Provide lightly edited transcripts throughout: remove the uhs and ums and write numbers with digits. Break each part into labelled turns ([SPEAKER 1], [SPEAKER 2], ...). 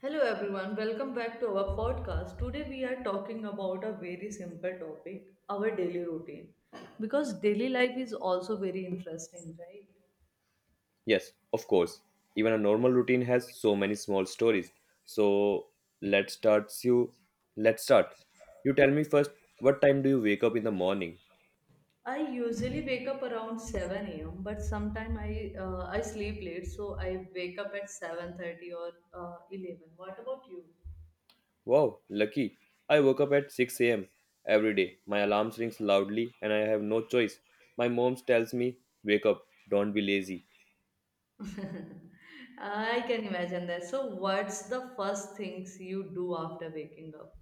[SPEAKER 1] Hello everyone, welcome back to our podcast. Today we are talking about a very simple topic, our daily routine. Because daily life is also very interesting, right?
[SPEAKER 2] Yes, of course. Even a normal routine has so many small stories. So let's start you let's start. You tell me first, what time do you wake up in the morning?
[SPEAKER 1] I usually wake up around 7 a.m. but sometimes I sleep late, so I wake up at 7:30 or 11. What about you?
[SPEAKER 2] Wow, lucky. I woke up at 6 a.m. every day. My alarm rings loudly and I have no choice. My mom tells me, "Wake up, don't be lazy."
[SPEAKER 1] I can imagine that. So what's the first things you do after waking up?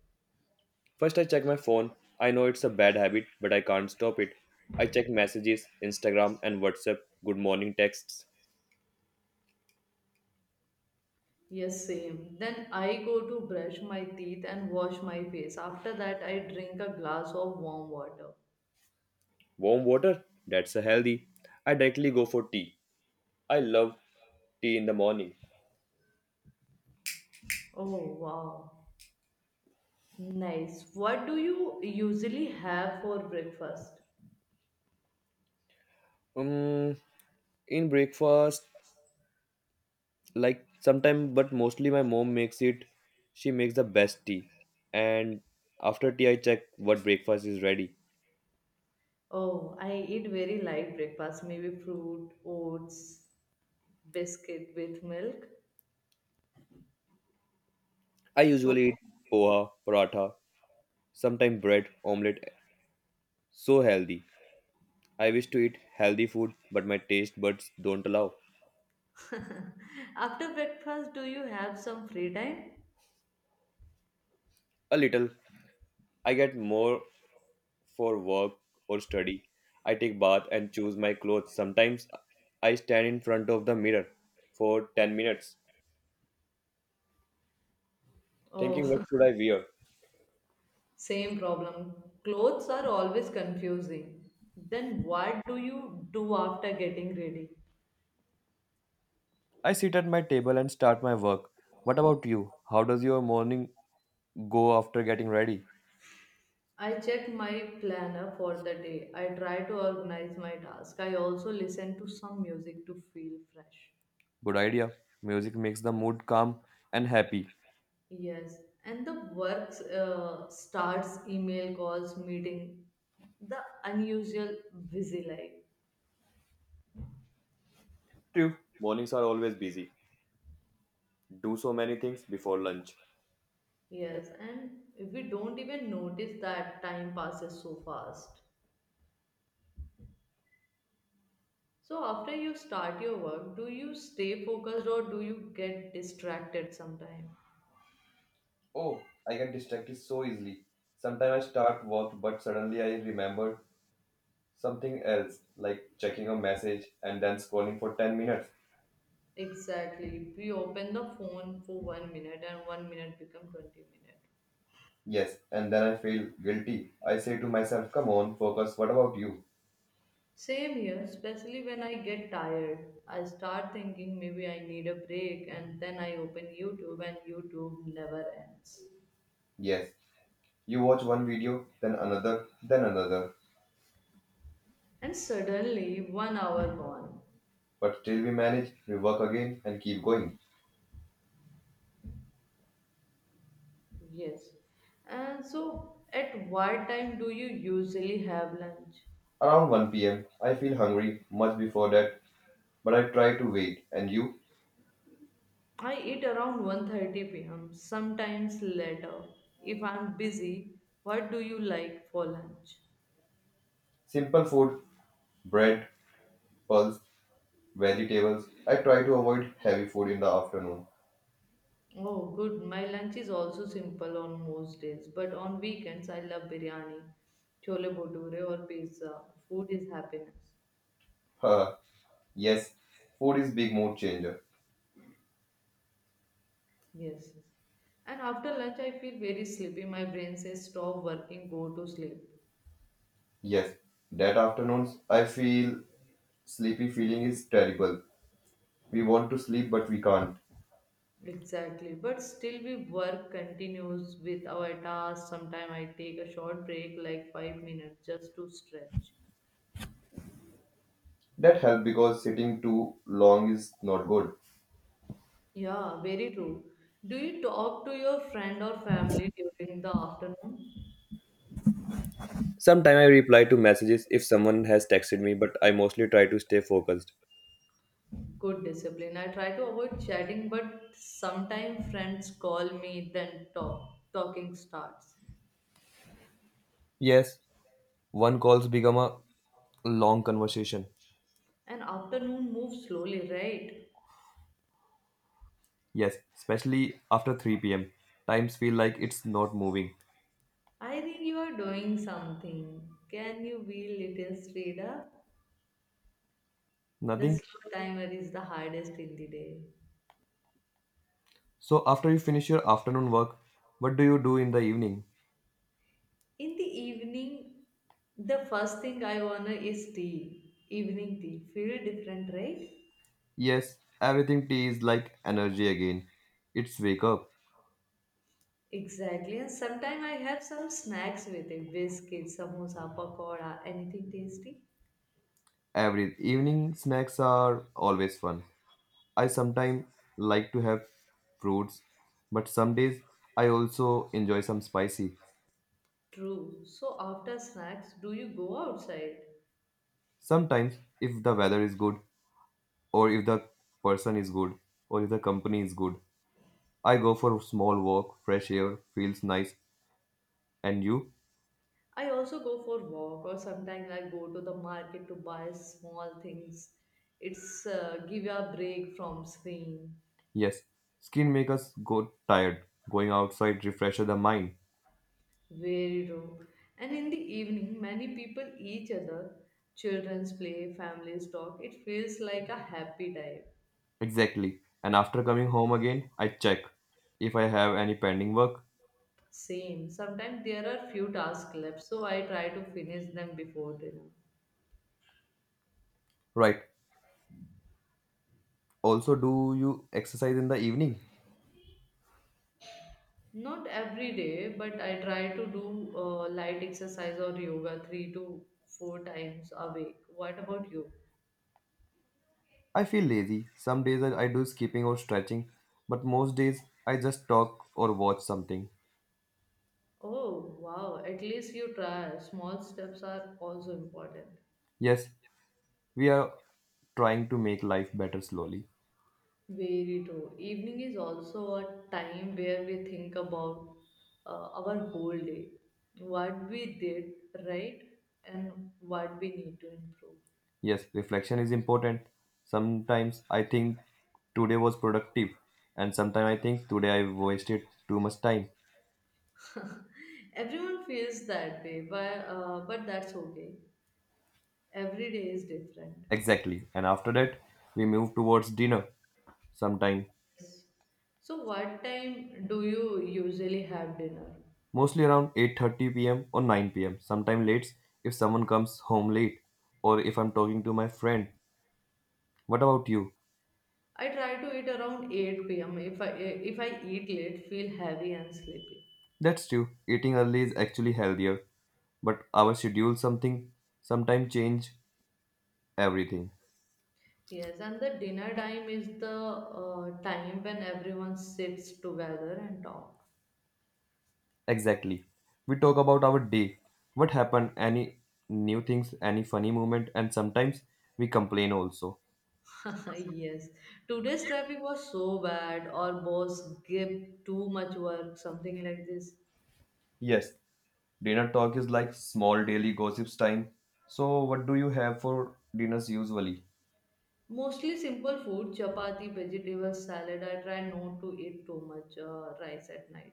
[SPEAKER 2] First I check my phone. I know it's a bad habit, but I can't stop it. I check messages, Instagram and WhatsApp, good morning texts.
[SPEAKER 1] Yes, same. Then I go to brush my teeth and wash my face. After that, I drink a glass of warm water.
[SPEAKER 2] Warm water? That's a healthy. I directly go for tea. I love tea in the morning.
[SPEAKER 1] Oh, wow. Nice. What do you usually have for breakfast?
[SPEAKER 2] Um, in breakfast, like sometime, but mostly my mom makes it. She makes the best tea, and after tea, I check what breakfast is ready.
[SPEAKER 1] Oh, I eat very light breakfast, maybe fruit, oats, biscuit with milk.
[SPEAKER 2] I
[SPEAKER 1] So,
[SPEAKER 2] usually eat poha, paratha, sometimes bread, omelette. So healthy. I wish to eat healthy food, but my taste buds don't allow.
[SPEAKER 1] after breakfast, do you have some free time?
[SPEAKER 2] A little. I get more for work or study. I take bath and choose my clothes. Sometimes I stand in front of the mirror for 10 minutes thinking what
[SPEAKER 1] Oh,
[SPEAKER 2] should I wear.
[SPEAKER 1] same problem. Clothes are always confusing. Then, what do you do after getting ready?
[SPEAKER 2] I sit at my table and start my work. What about you? How does your morning go after getting ready?
[SPEAKER 1] I check my planner for the day. I try to organize my task. I also listen to some music to feel fresh.
[SPEAKER 2] Good idea. Music makes the mood calm and happy.
[SPEAKER 1] Yes, and the work starts email calls, meeting, the unusual busy life.
[SPEAKER 2] True. Mornings are always busy. Do so many things before lunch.
[SPEAKER 1] Yes, and we don't even notice that time passes so fast. So after you start your work, do you stay focused or do you get distracted sometime?
[SPEAKER 2] Oh, I get distracted so easily. Sometimes I start work, but suddenly I remember something else, like checking a message and then scrolling for 10 minutes.
[SPEAKER 1] Exactly. We open the phone for one minute and one minute become 20 minutes.
[SPEAKER 2] Yes, and then I feel guilty. I say to myself, come on, focus, what about you?
[SPEAKER 1] Same here, especially when I get tired. I start thinking maybe I need a break and then I open YouTube and YouTube never ends.
[SPEAKER 2] Yes, you watch one video, then another, then another.
[SPEAKER 1] And suddenly one hour gone.
[SPEAKER 2] But still we manage, we work again and keep going.
[SPEAKER 1] Yes. And so at what time do you usually have lunch?
[SPEAKER 2] Around 1 p.m., I feel hungry much before that, but I try to wait. And you?
[SPEAKER 1] I eat around 1:30 p.m., sometimes later. If I'm busy, what do you like for lunch?
[SPEAKER 2] Simple food, bread, pulse, vegetables. I try to avoid heavy food in the afternoon.
[SPEAKER 1] Oh, good. My lunch is also simple on most days, but on weekends I love biryani, chole bhature or pizza. Food is happiness.
[SPEAKER 2] Huh. Yes, food is big mood changer.
[SPEAKER 1] Yes. And after lunch I feel very sleepy. My brain says stop working, go to sleep.
[SPEAKER 2] Yes, that afternoons I feel sleepy feeling is terrible. We want to sleep but we can't.
[SPEAKER 1] Exactly. But still we work continues with our tasks. Sometimes I take a short break like 5 minutes just to stretch.
[SPEAKER 2] That help because sitting too long is not good.
[SPEAKER 1] Yeah, very true. Do you talk to your friend or family during the afternoon?
[SPEAKER 2] Sometimes I reply to messages if someone has texted me, but I mostly try to stay focused.
[SPEAKER 1] Good discipline. I try to avoid chatting, but sometimes friends call me, then talk. Talking starts.
[SPEAKER 2] Yes, one calls become a long conversation.
[SPEAKER 1] And afternoon moves slowly, right?
[SPEAKER 2] Yes, especially after 3 pm. Times feel like it's not moving.
[SPEAKER 1] I think you are doing something. Can you be little straighter? The
[SPEAKER 2] Nothing.
[SPEAKER 1] slow timer is the hardest in the day.
[SPEAKER 2] So after you finish your afternoon work, what do you do in the evening?
[SPEAKER 1] In the evening, the first thing I wanna is tea. Evening tea. Feel different, right?
[SPEAKER 2] Yes, everything tea is like energy again. It's wake up.
[SPEAKER 1] Exactly. And sometimes I have some snacks with it. Biscuits, samosa, pakoda, anything tasty.
[SPEAKER 2] Every evening snacks are always fun. I sometimes like to have fruits, but some days I also enjoy some spicy.
[SPEAKER 1] True. So after snacks, do you go outside?
[SPEAKER 2] Sometimes, if the weather is good, or if the person is good, or if the company is good, I go for a small walk. Fresh air feels nice. And you?
[SPEAKER 1] I also go for walk or sometimes I go to the market to buy small things. It's give a break from screen.
[SPEAKER 2] Yes, skin makes us go tired. Going outside refreshes the mind.
[SPEAKER 1] Very true. And in the evening, many people each other. Children's play, families talk. It feels like a happy time.
[SPEAKER 2] Exactly. And after coming home again, I check if I have any pending work.
[SPEAKER 1] Same. Sometimes there are few tasks left, so I try to finish them before dinner.
[SPEAKER 2] Right. Also, do you exercise in the evening?
[SPEAKER 1] Not every day, but I try to do light exercise or yoga three to four times a week. What about you?
[SPEAKER 2] I feel lazy. Some days I do skipping or stretching, but most days I just talk or watch something.
[SPEAKER 1] Oh, wow. At least you try. Small steps are also important.
[SPEAKER 2] Yes, we are trying to make life better slowly.
[SPEAKER 1] Very true. Evening is also a time where we think about our whole day, what we did right, and what we need to improve.
[SPEAKER 2] Yes, reflection is important. Sometimes I think today was productive, and sometimes I think today I wasted too much time.
[SPEAKER 1] Everyone feels that way, but that's okay. Every day is different.
[SPEAKER 2] Exactly. And after that, we move towards dinner sometime,
[SPEAKER 1] So, what time do you usually have dinner?
[SPEAKER 2] mostly around 8:30 p.m. or 9 p.m. Sometime late if someone comes home late or if I'm talking to my friend. What about you?
[SPEAKER 1] I try to eat around 8 pm. If I eat late, feel heavy and sleepy.
[SPEAKER 2] That's true. Eating early is actually healthier, but our schedule something sometime change everything.
[SPEAKER 1] Yes, and the dinner time is the time when everyone sits together and talk.
[SPEAKER 2] Exactly. We talk about our day. What happened? Any new things, any funny moment, and sometimes we complain also.
[SPEAKER 1] yes, today's traffic was so bad. Our boss gave too much work, something like this.
[SPEAKER 2] Yes. Dinner talk is like small daily gossips time. So, what do you have for dinners usually?
[SPEAKER 1] Mostly simple food, chapati, vegetables, salad. I try not to eat too much rice at night.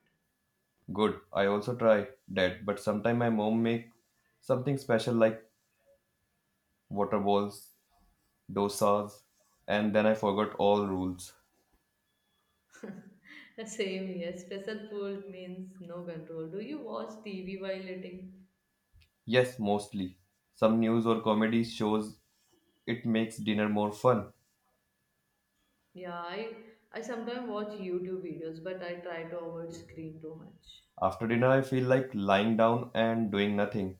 [SPEAKER 2] Good. I also try that, but sometimes my mom make something special like water balls, dosas, and then I forgot all rules.
[SPEAKER 1] Same here. Stressful food means no control. Do you watch TV while eating?
[SPEAKER 2] Yes, mostly. Some news or comedy shows it makes dinner more fun.
[SPEAKER 1] Yeah, I sometimes watch YouTube videos, but I try to avoid screen too much.
[SPEAKER 2] After dinner, I feel like lying down and doing nothing.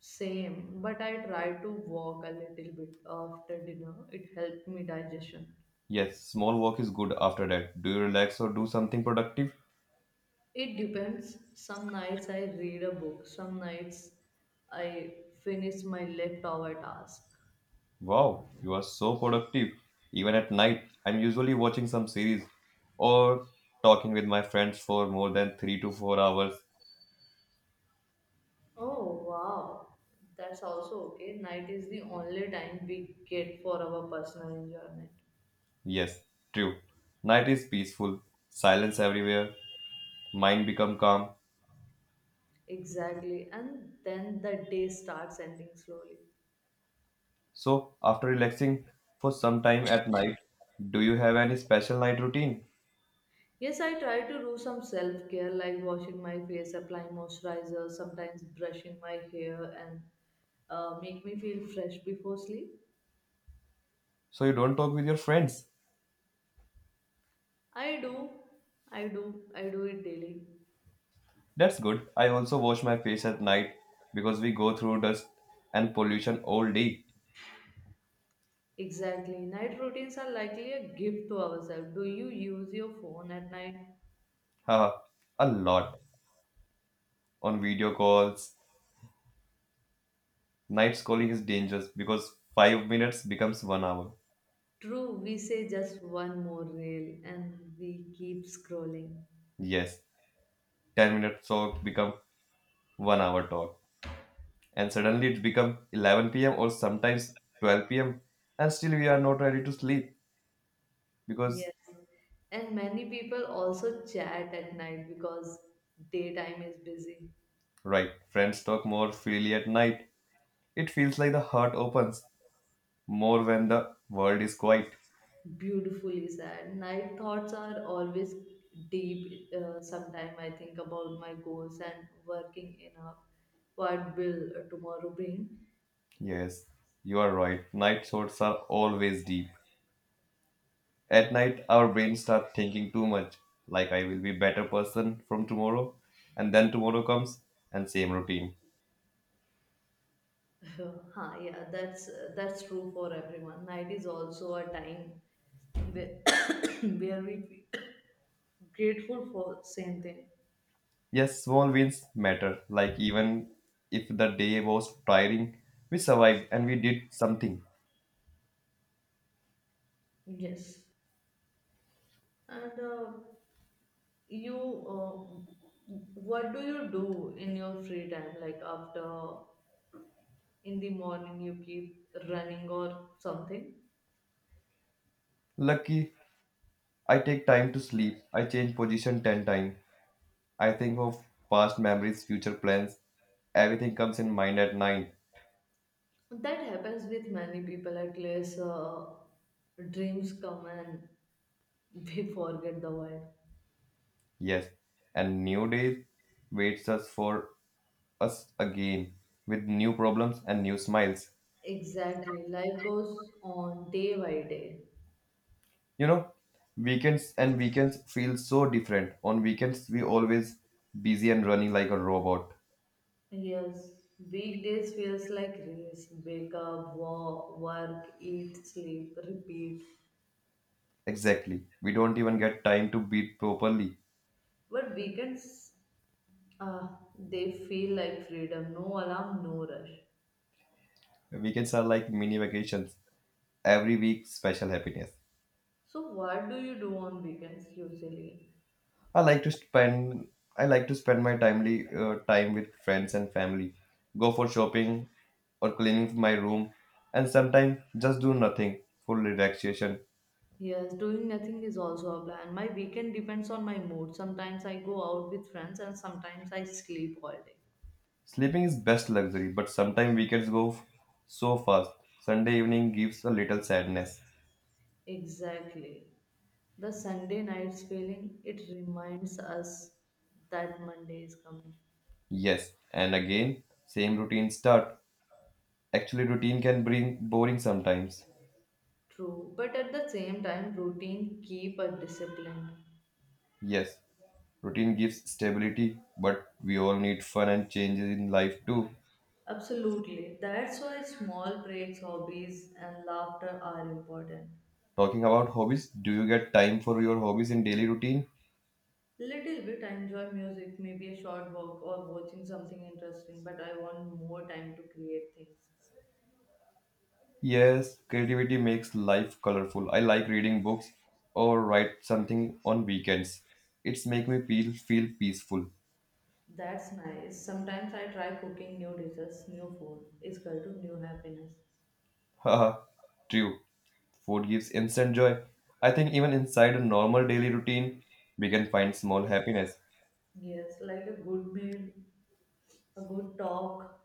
[SPEAKER 1] Same, but I try to walk a little bit after dinner. It helped me digestion.
[SPEAKER 2] Yes, small walk is good after that. Do you relax or do something productive?
[SPEAKER 1] It depends. Some nights I read a book. Some nights I finish my leftover task.
[SPEAKER 2] Wow, you are so productive. Even at night, I'm usually watching some series or talking with my friends for more than 3 to 4 hours.
[SPEAKER 1] Oh wow, that's also okay. Night is the only time we get for our personal enjoyment.
[SPEAKER 2] Yes, true. Night is peaceful, silence everywhere, mind become calm.
[SPEAKER 1] Exactly. And then the day starts ending slowly.
[SPEAKER 2] So after relaxing for some time at night, do you have any special night routine?
[SPEAKER 1] Yes, I try to do some self care like washing my face, applying moisturizer, sometimes brushing my hair, and make me feel fresh before sleep.
[SPEAKER 2] So you don't talk with your friends.
[SPEAKER 1] I do, I do, I do it daily.
[SPEAKER 2] That's good. I also wash my face at night because we go through dust and pollution all day.
[SPEAKER 1] Exactly. Night routines are likely a gift to ourselves. Do you use your phone at night?
[SPEAKER 2] Haha, a lot on video calls. Night schooling is dangerous because 5 minutes becomes 1 hour.
[SPEAKER 1] True, we say just one more reel and we keep scrolling.
[SPEAKER 2] Yes, 10 minutes talk become 1 hour talk, and suddenly it become 11 p.m. or sometimes 12 p.m. and still we are not ready to sleep because
[SPEAKER 1] Yes. And many people also chat at night because daytime is busy.
[SPEAKER 2] right friends talk more freely at night. It feels like the heart opens more when the world is quiet.
[SPEAKER 1] Beautifully said. Night thoughts are always deep. Sometimes I think about my goals and working enough. What will tomorrow bring?
[SPEAKER 2] Yes, you are right. Night thoughts are always deep. At night, our brains start thinking too much, like I will be better person from tomorrow, and then tomorrow comes and same routine.
[SPEAKER 1] huh, yeah, that's true for everyone. Night is also a time where, where we feel grateful for same thing.
[SPEAKER 2] Yes, small wins matter. Like even if the day was tiring, we survived and we did something.
[SPEAKER 1] Yes. And you what do you do in your free time, like after in the morning you keep running or something
[SPEAKER 2] Lucky, I take time to sleep. I change position 10 times. I think of past memories, future plans. Everything comes in mind at nine.
[SPEAKER 1] that happens with many people, at least dreams come and we forget the world.
[SPEAKER 2] Yes, and new days waits us for us again with new problems and new smiles.
[SPEAKER 1] Exactly, life goes on day by day.
[SPEAKER 2] You know, weekends and weekends feel so different. On weekends we always busy and running like a robot.
[SPEAKER 1] Yes, weekdays feels like race, wake up, walk, work, eat, sleep, repeat.
[SPEAKER 2] Exactly, we don't even get time to breathe properly.
[SPEAKER 1] But weekends, Uh, they feel like freedom, no alarm, no rush.
[SPEAKER 2] Weekends are like mini vacations, every week special happiness.
[SPEAKER 1] So, what do you do on weekends usually?
[SPEAKER 2] i like to spend I like to spend my time with friends and family, go for shopping or cleaning my room, and sometimes just do nothing for relaxation.
[SPEAKER 1] Yes, doing nothing is also a plan. My weekend depends on my mood. Sometimes I go out with friends and sometimes I sleep all day.
[SPEAKER 2] Sleeping is best luxury, but sometimes weekends go so fast. Sunday evening gives a little sadness.
[SPEAKER 1] Exactly. The Sunday night's feeling, it reminds us that Monday is coming.
[SPEAKER 2] Yes, and again, same routine start. Actually, routine can bring boring sometimes.
[SPEAKER 1] True, but at the same time, routine keep us disciplined.
[SPEAKER 2] Yes, routine gives stability, but we all need fun and changes in life too.
[SPEAKER 1] Absolutely. That's why small breaks, hobbies, and laughter are important.
[SPEAKER 2] Talking about hobbies, do you get time for your hobbies in daily routine?
[SPEAKER 1] Little bit, I enjoy music, maybe a short walk or watching something interesting, but I want more time to create things.
[SPEAKER 2] Yes, creativity makes life colorful. I like reading books or write something on weekends. It's make me feel peaceful.
[SPEAKER 1] That's nice. Sometimes I try cooking new dishes, new food. It's equal to new happiness.
[SPEAKER 2] Haha, true. Food gives instant joy. I think even inside a normal daily routine, we can find small happiness.
[SPEAKER 1] Yes, like a good meal, a good talk,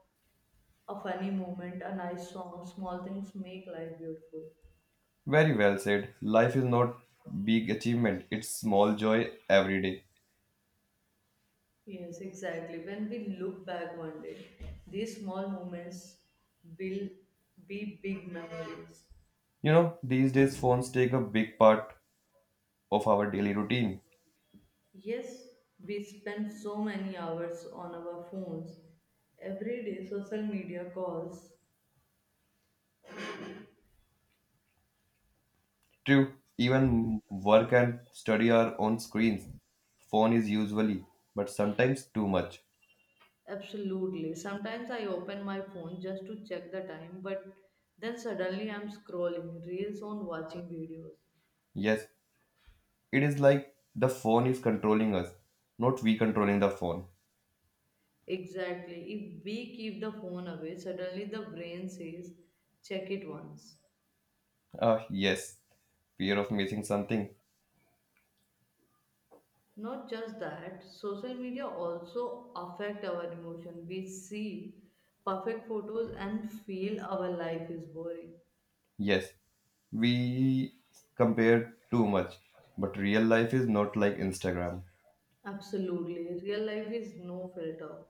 [SPEAKER 1] a funny moment, a nice song. Small things make life beautiful.
[SPEAKER 2] Very well said. Life is not big achievement, it's small joy every day.
[SPEAKER 1] Yes, exactly. When we look back one day, these small moments will be big memories.
[SPEAKER 2] You know, these days phones take a big part of our daily routine.
[SPEAKER 1] Yes, we spend so many hours on our phones. Every day, social media calls.
[SPEAKER 2] True, even work and study are on screens. Phone is usually, but sometimes too much.
[SPEAKER 1] Absolutely. Sometimes I open my phone just to check the time, but then suddenly I'm scrolling reels on watching videos.
[SPEAKER 2] Yes, it is like the phone is controlling us, not we controlling the phone.
[SPEAKER 1] Exactly. If we keep the phone away, suddenly the brain says, check it once.
[SPEAKER 2] Yes, fear of missing something.
[SPEAKER 1] Not just that, social media also affect our emotion. We see perfect photos and feel our life is boring.
[SPEAKER 2] Yes, we compare too much, but real life is not like Instagram,
[SPEAKER 1] Absolutely. Real life is no filter.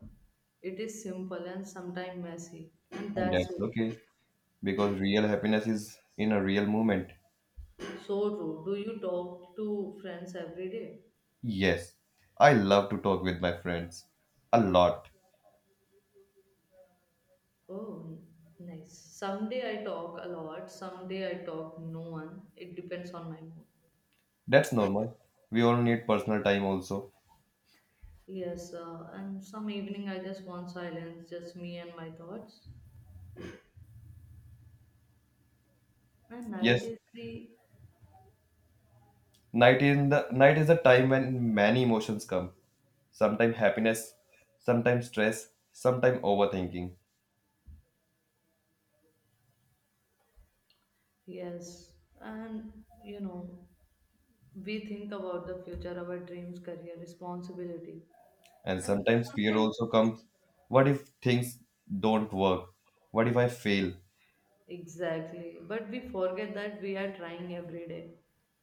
[SPEAKER 1] It is simple and sometimes messy. And
[SPEAKER 2] and
[SPEAKER 1] that's
[SPEAKER 2] that's
[SPEAKER 1] okay.
[SPEAKER 2] okay because real happiness is in a real moment.
[SPEAKER 1] So true. Do you talk to friends every day?
[SPEAKER 2] Yes, I love to talk with my friends a lot.
[SPEAKER 1] Oh, nice. Someday I talk a lot. Someday I talk no one. It depends on my mood.
[SPEAKER 2] That's normal. We all need personal time also.
[SPEAKER 1] Yes, and some evening I just want silence, just me and my thoughts. And night
[SPEAKER 2] Yes,
[SPEAKER 1] is the.
[SPEAKER 2] night in the night is a time when many emotions come. Sometimes happiness, sometimes stress, sometimes overthinking.
[SPEAKER 1] Yes, and you know, we think about the future, our dreams, career, responsibility.
[SPEAKER 2] And
[SPEAKER 1] And
[SPEAKER 2] sometimes fear
[SPEAKER 1] sometimes.
[SPEAKER 2] also comes. What if things don't work? What if I fail?
[SPEAKER 1] Exactly. But we forget that we are trying every day.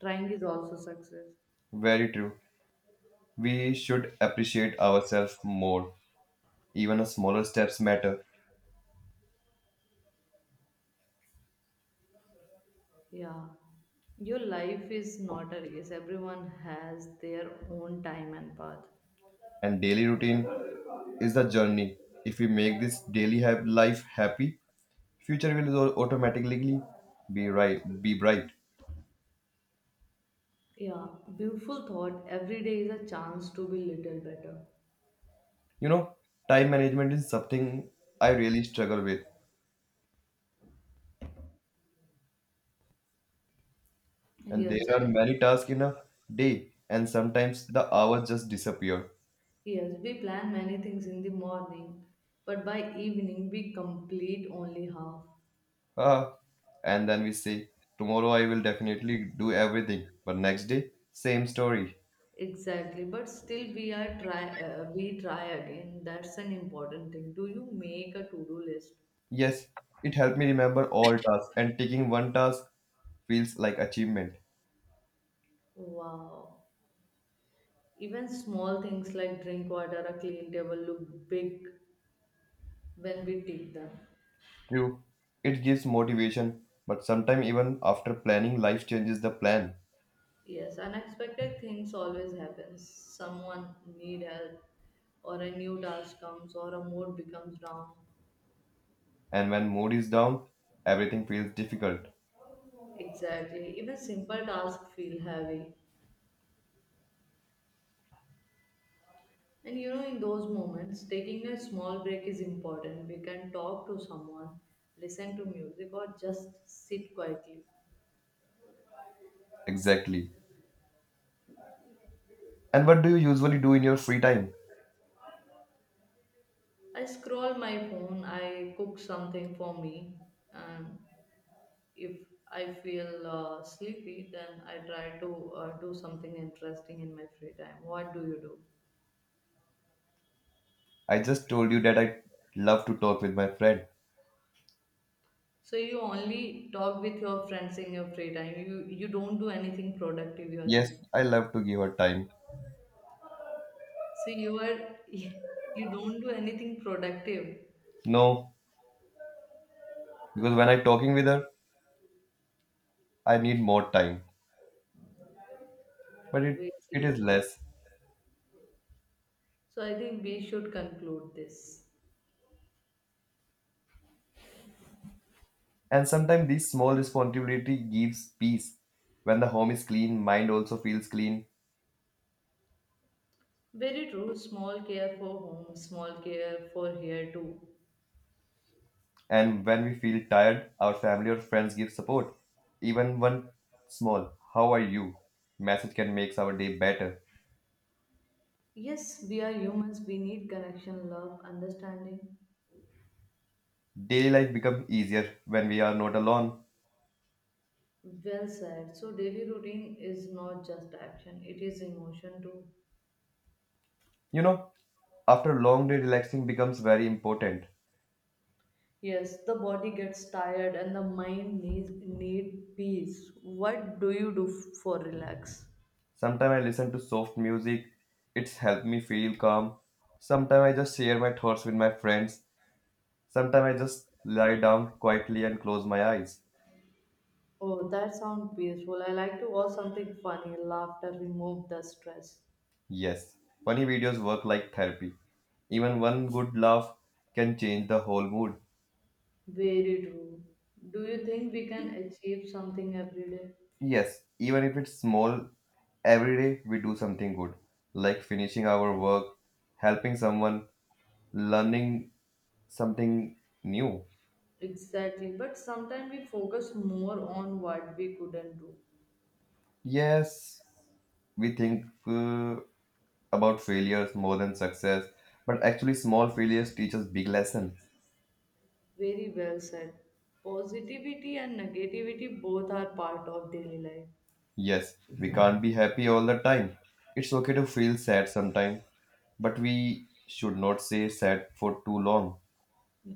[SPEAKER 1] Trying is also success.
[SPEAKER 2] Very true. We should appreciate ourselves more. Even a smaller steps matter.
[SPEAKER 1] Yeah. Your life is not a race. Everyone has their own time and path.
[SPEAKER 2] And daily routine is the journey. If we make this daily life happy, future will automatically be bright.
[SPEAKER 1] Yeah. Beautiful thought. Every day is a chance to be little better.
[SPEAKER 2] You know, time management is something I really struggle with, and
[SPEAKER 1] Yes.
[SPEAKER 2] there are many tasks in a day, and sometimes the hours just disappear.
[SPEAKER 1] Yes. We plan many things in the morning, but by evening we complete only half.
[SPEAKER 2] Ah, and then we say, "Tomorrow I will definitely do everything." But next day, same story.
[SPEAKER 1] Exactly, but still we try again. That's an important thing. Do you make a to-do list?
[SPEAKER 2] Yes, it helped me remember all tasks, and taking one task feels like achievement.
[SPEAKER 1] Wow. Even small things like drink water, a clean table look big when we take them.
[SPEAKER 2] True, it gives motivation, but sometimes even after planning, life changes the plan.
[SPEAKER 1] Yes, unexpected things always happen. Someone need help or a new task comes or a mood becomes down.
[SPEAKER 2] And when mood is down, everything feels difficult.
[SPEAKER 1] Exactly. Even simple tasks feel heavy. And you know, in those moments, taking a small break is important. We can talk to someone, listen to music, or just sit quietly.
[SPEAKER 2] Exactly. And what do you usually do in your free time?
[SPEAKER 1] I scroll my phone, I cook something for me, and if I feel sleepy, then I try to do something interesting in my free time. What do you do?
[SPEAKER 2] I just told you that I love to talk with my friend.
[SPEAKER 1] So you only talk with your friends in your free time. You don't do anything productive. You are
[SPEAKER 2] Yes,
[SPEAKER 1] saying.
[SPEAKER 2] I love to give her time.
[SPEAKER 1] So you are you don't do anything productive.
[SPEAKER 2] No, because when I'm talking with her, I need more time, but it,
[SPEAKER 1] Very
[SPEAKER 2] it is
[SPEAKER 1] true.
[SPEAKER 2] less.
[SPEAKER 1] So I think we should conclude this.
[SPEAKER 2] And sometimes this small responsibility gives peace. When the home is clean, mind also feels clean.
[SPEAKER 1] Very true. Small care for home, small care for here too.
[SPEAKER 2] And when we feel tired, our family or friends give support. Even one small "how are you?" message can make our day better.
[SPEAKER 1] Yes, we are humans. We need connection, love, understanding.
[SPEAKER 2] Daily life becomes easier when we are not alone.
[SPEAKER 1] Well said. So daily routine is not just action; it is emotion too.
[SPEAKER 2] You know, after a long day, relaxing becomes very important.
[SPEAKER 1] Yes, the body gets tired and the mind needs need peace. What do you do for relax?
[SPEAKER 2] Sometimes I listen to soft music, it's helped me feel calm. Sometimes I just share my thoughts with my friends. Sometimes I just lie down quietly and close my eyes.
[SPEAKER 1] Oh, that sounds peaceful. I like to watch something funny. Laughter remove the stress.
[SPEAKER 2] Yes, funny videos work like therapy. Even one good laugh can change the whole mood.
[SPEAKER 1] Very true. Do you think we can achieve something every day?
[SPEAKER 2] Yes, even if it's small, every day we do something good, like finishing our work, helping someone, learning something new.
[SPEAKER 1] Exactly. But sometimes we focus more on what we couldn't do.
[SPEAKER 2] Yes, we think about failures more than success, but actually small failures teach us big lesson.
[SPEAKER 1] Very well said. Positivity and negativity both are part of daily life.
[SPEAKER 2] Yes, we can't be happy all the time. It's okay to feel sad sometime, but we should not stay sad for too long.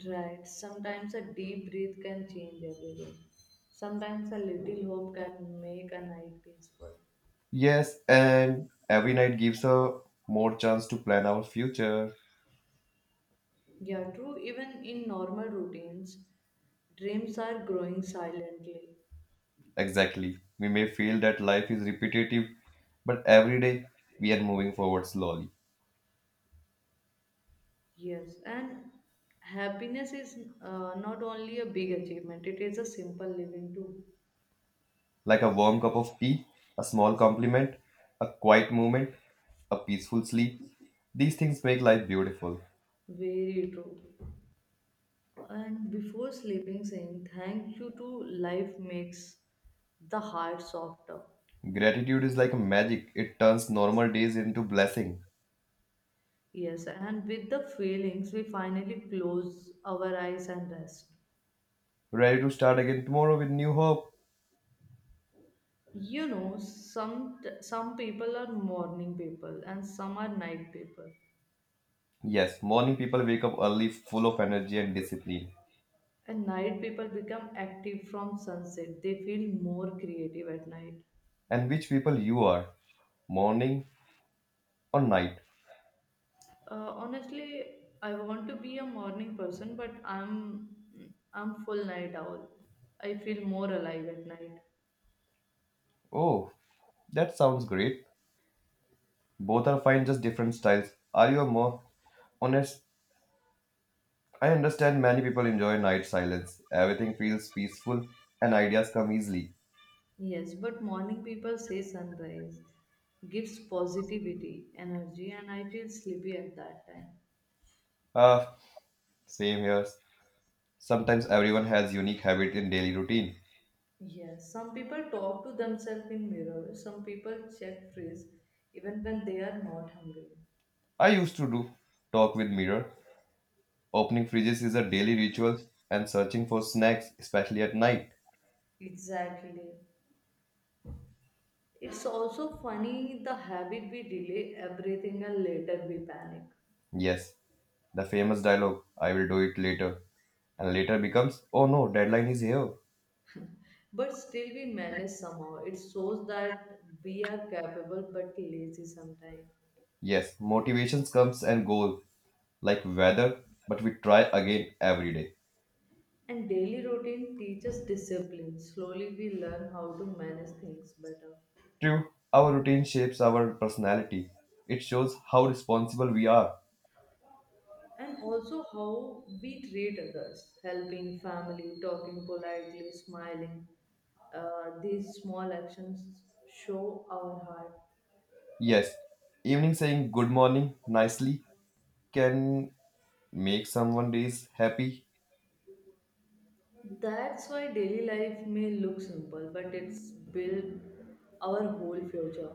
[SPEAKER 1] Right. Sometimes a deep breath can change everything. Sometimes a little hope can make a night peaceful.
[SPEAKER 2] Yes, and every night gives a more chance to plan our future.
[SPEAKER 1] Yeah, true. Even in normal routines, dreams are growing silently.
[SPEAKER 2] Exactly. We may feel that life is repetitive, but every day we are moving forward slowly.
[SPEAKER 1] Yes, and happiness is not only a big achievement, it is a simple living too.
[SPEAKER 2] Like a warm cup of tea, a small compliment, a quiet moment, a peaceful sleep. These things make life beautiful.
[SPEAKER 1] Very true. And before sleeping, saying thank you to life makes the heart softer.
[SPEAKER 2] Gratitude is like a magic, it turns normal days into blessing.
[SPEAKER 1] Yes, and with the feelings, we finally close our eyes and rest.
[SPEAKER 2] Ready to start again tomorrow with new hope.
[SPEAKER 1] You know, some people are morning people and some are night people.
[SPEAKER 2] Yes, morning people wake up early full of energy and discipline.
[SPEAKER 1] And night people become active from sunset. They feel more creative at night.
[SPEAKER 2] And which people you are, morning or night?
[SPEAKER 1] Honestly, I want to be a morning person, but I'm full night owl. I feel more alive at night.
[SPEAKER 2] Oh, that sounds great. Both are fine, just different styles. Are you a more honest? I understand many people enjoy night silence. Everything feels peaceful and ideas come easily.
[SPEAKER 1] Yes, but morning people say sunrise gives positivity, energy, and I feel sleepy at that time.
[SPEAKER 2] Ah, same here. Sometimes everyone has unique habit in daily routine.
[SPEAKER 1] Yes, some people talk to themselves in mirrors. Some people check fridge even when they are not hungry.
[SPEAKER 2] I used to do talk with mirror. Opening fridges is a daily ritual and searching for snacks, especially at night.
[SPEAKER 1] Exactly. It's also funny the habit we delay everything and later we panic.
[SPEAKER 2] Yes, the famous dialogue, "I will do it later." And later becomes, "Oh no, deadline is here."
[SPEAKER 1] But still, we manage somehow. It shows that we are capable but lazy sometimes.
[SPEAKER 2] Yes, motivations comes and go like weather, but we try again every day.
[SPEAKER 1] And daily routine teaches discipline. Slowly, we learn how to manage things better.
[SPEAKER 2] True, our routine shapes our personality. It shows how responsible we are.
[SPEAKER 1] And also, how we treat others helping family, talking politely, smiling. These small actions show our heart.
[SPEAKER 2] Yes, evening saying good morning nicely can make someone days happy.
[SPEAKER 1] That's why daily life may look simple, but it's built our whole future.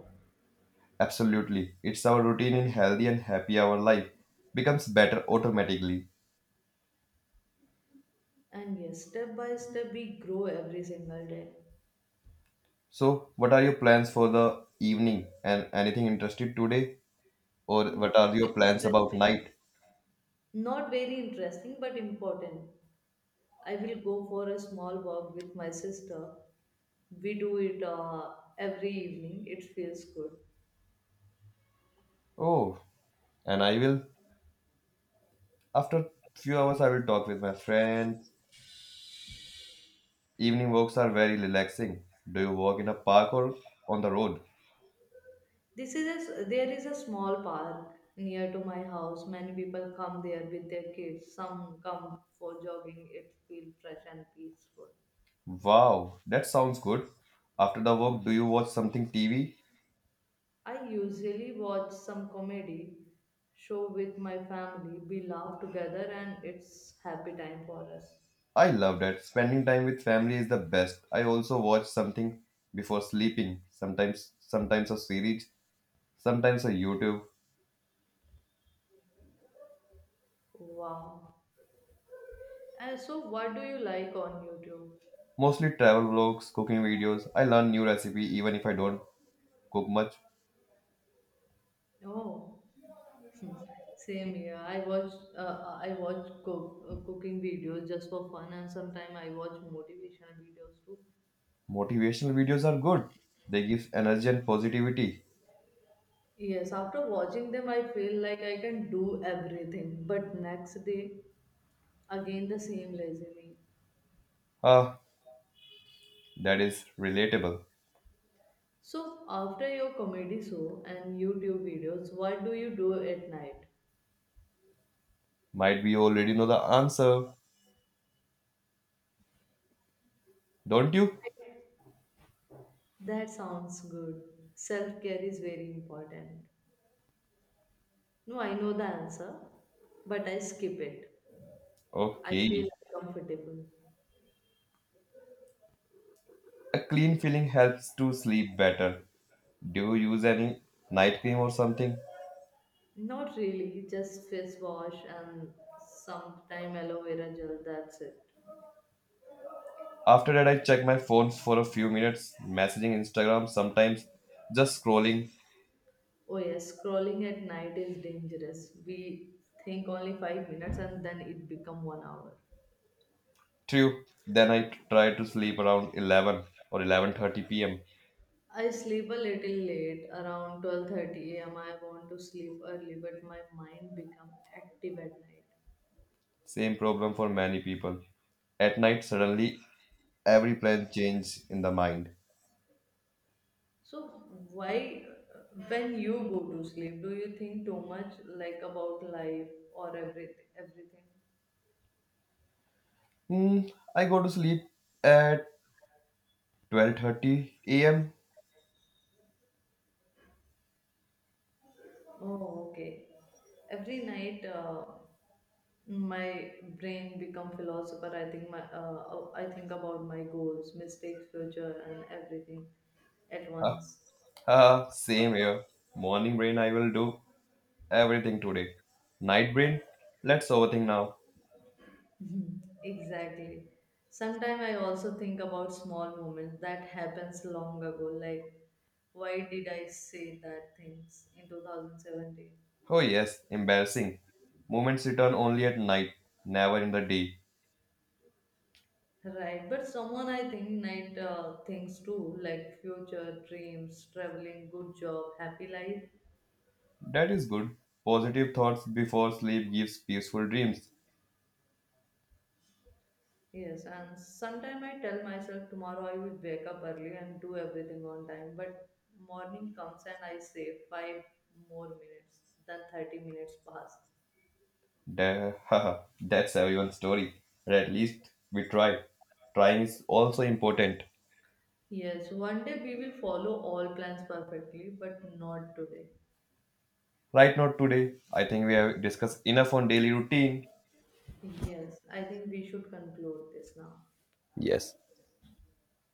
[SPEAKER 2] Absolutely. It's our routine in healthy and happy hour life becomes better automatically.
[SPEAKER 1] And yes, step by step, we grow every single day.
[SPEAKER 2] So, what are your plans for the evening and anything interested today or
[SPEAKER 1] Not
[SPEAKER 2] what are your
[SPEAKER 1] very
[SPEAKER 2] plans about
[SPEAKER 1] interesting.
[SPEAKER 2] night?
[SPEAKER 1] Not very interesting, but important. I will go for a small walk with my sister. We do it every evening. It feels good.
[SPEAKER 2] Oh, and I will after few hours I will talk with my friend. Evening walks are very relaxing. Do you walk in a park or on the road?
[SPEAKER 1] There is a small park near to my house. Many people come there with their kids. Some come for jogging. It feels fresh and peaceful.
[SPEAKER 2] Wow, that sounds good. After the walk, do you watch something TV?
[SPEAKER 1] I usually watch some comedy show with my family. We laugh together and it's happy time for us.
[SPEAKER 2] I love that. Spending time with family is the best. I also watch something before sleeping. Sometimes a series, sometimes a YouTube.
[SPEAKER 1] Wow. And so what do you like on YouTube?
[SPEAKER 2] Mostly travel vlogs, cooking videos. I learn new recipe even if I don't cook much.
[SPEAKER 1] Oh, same here. I watch cooking videos just for fun and sometimes I watch motivational videos too.
[SPEAKER 2] Motivational videos are good. They give energy and positivity.
[SPEAKER 1] Yes, after watching them I feel like I can do everything, but next day again the same lazy me.
[SPEAKER 2] Ah, that is relatable.
[SPEAKER 1] So, after your comedy show and YouTube videos, what do you do at night?
[SPEAKER 2] Might be you already know the answer, don't you?
[SPEAKER 1] That sounds good. Self care is very important. No, I know the answer, but I skip it. I feel
[SPEAKER 2] Okay.
[SPEAKER 1] uncomfortable.
[SPEAKER 2] A clean feeling helps to sleep better. Do you use any night cream or something?
[SPEAKER 1] Not really, just face wash and sometime aloe vera gel, that's it.
[SPEAKER 2] After that, I check my phone for a few minutes, messaging Instagram, sometimes just scrolling
[SPEAKER 1] Oh, yes, scrolling at night is dangerous. We think only 5 minutes and then it become one hour.
[SPEAKER 2] through. Then I try to sleep around 11 or 11:30 p.m.
[SPEAKER 1] I sleep a little late, around 12:30 a.m. I want to sleep early, but my mind become active at night.
[SPEAKER 2] Same problem for many people. At night, suddenly every plan changes in the mind.
[SPEAKER 1] So why, when you go to sleep, do you think too much like about life or everything? Everything.
[SPEAKER 2] Hmm, I go to sleep at 12:30 a.m.
[SPEAKER 1] Oh, okay. Every night, my brain become philosopher. I think about my goals, mistakes, future, and everything at once.
[SPEAKER 2] Same here. Morning brain, I will do everything today. Night brain, let's overthink now.
[SPEAKER 1] Mhm. Exactly. Sometimes I also think about small moments that happens long ago, like why did I say that things in 2017?
[SPEAKER 2] Oh, yes, embarrassing. Moments return only at night, never in the day.
[SPEAKER 1] Right, but someone I think night things too, like future dreams, traveling, good job, happy life.
[SPEAKER 2] That is good. Positive thoughts before sleep gives peaceful dreams.
[SPEAKER 1] Yes, and sometimes I tell myself tomorrow I will wake up early and do everything on time, but morning comes and I say five more minutes, then 30 minutes pass.
[SPEAKER 2] That, haha, that's everyone's story. But at least we try. Trying is also important.
[SPEAKER 1] Yes, one day we will follow all plans perfectly, but not today.
[SPEAKER 2] Right now, today, I think we have discussed enough on daily routine.
[SPEAKER 1] Yes, I think we should conclude this now.
[SPEAKER 2] Yes.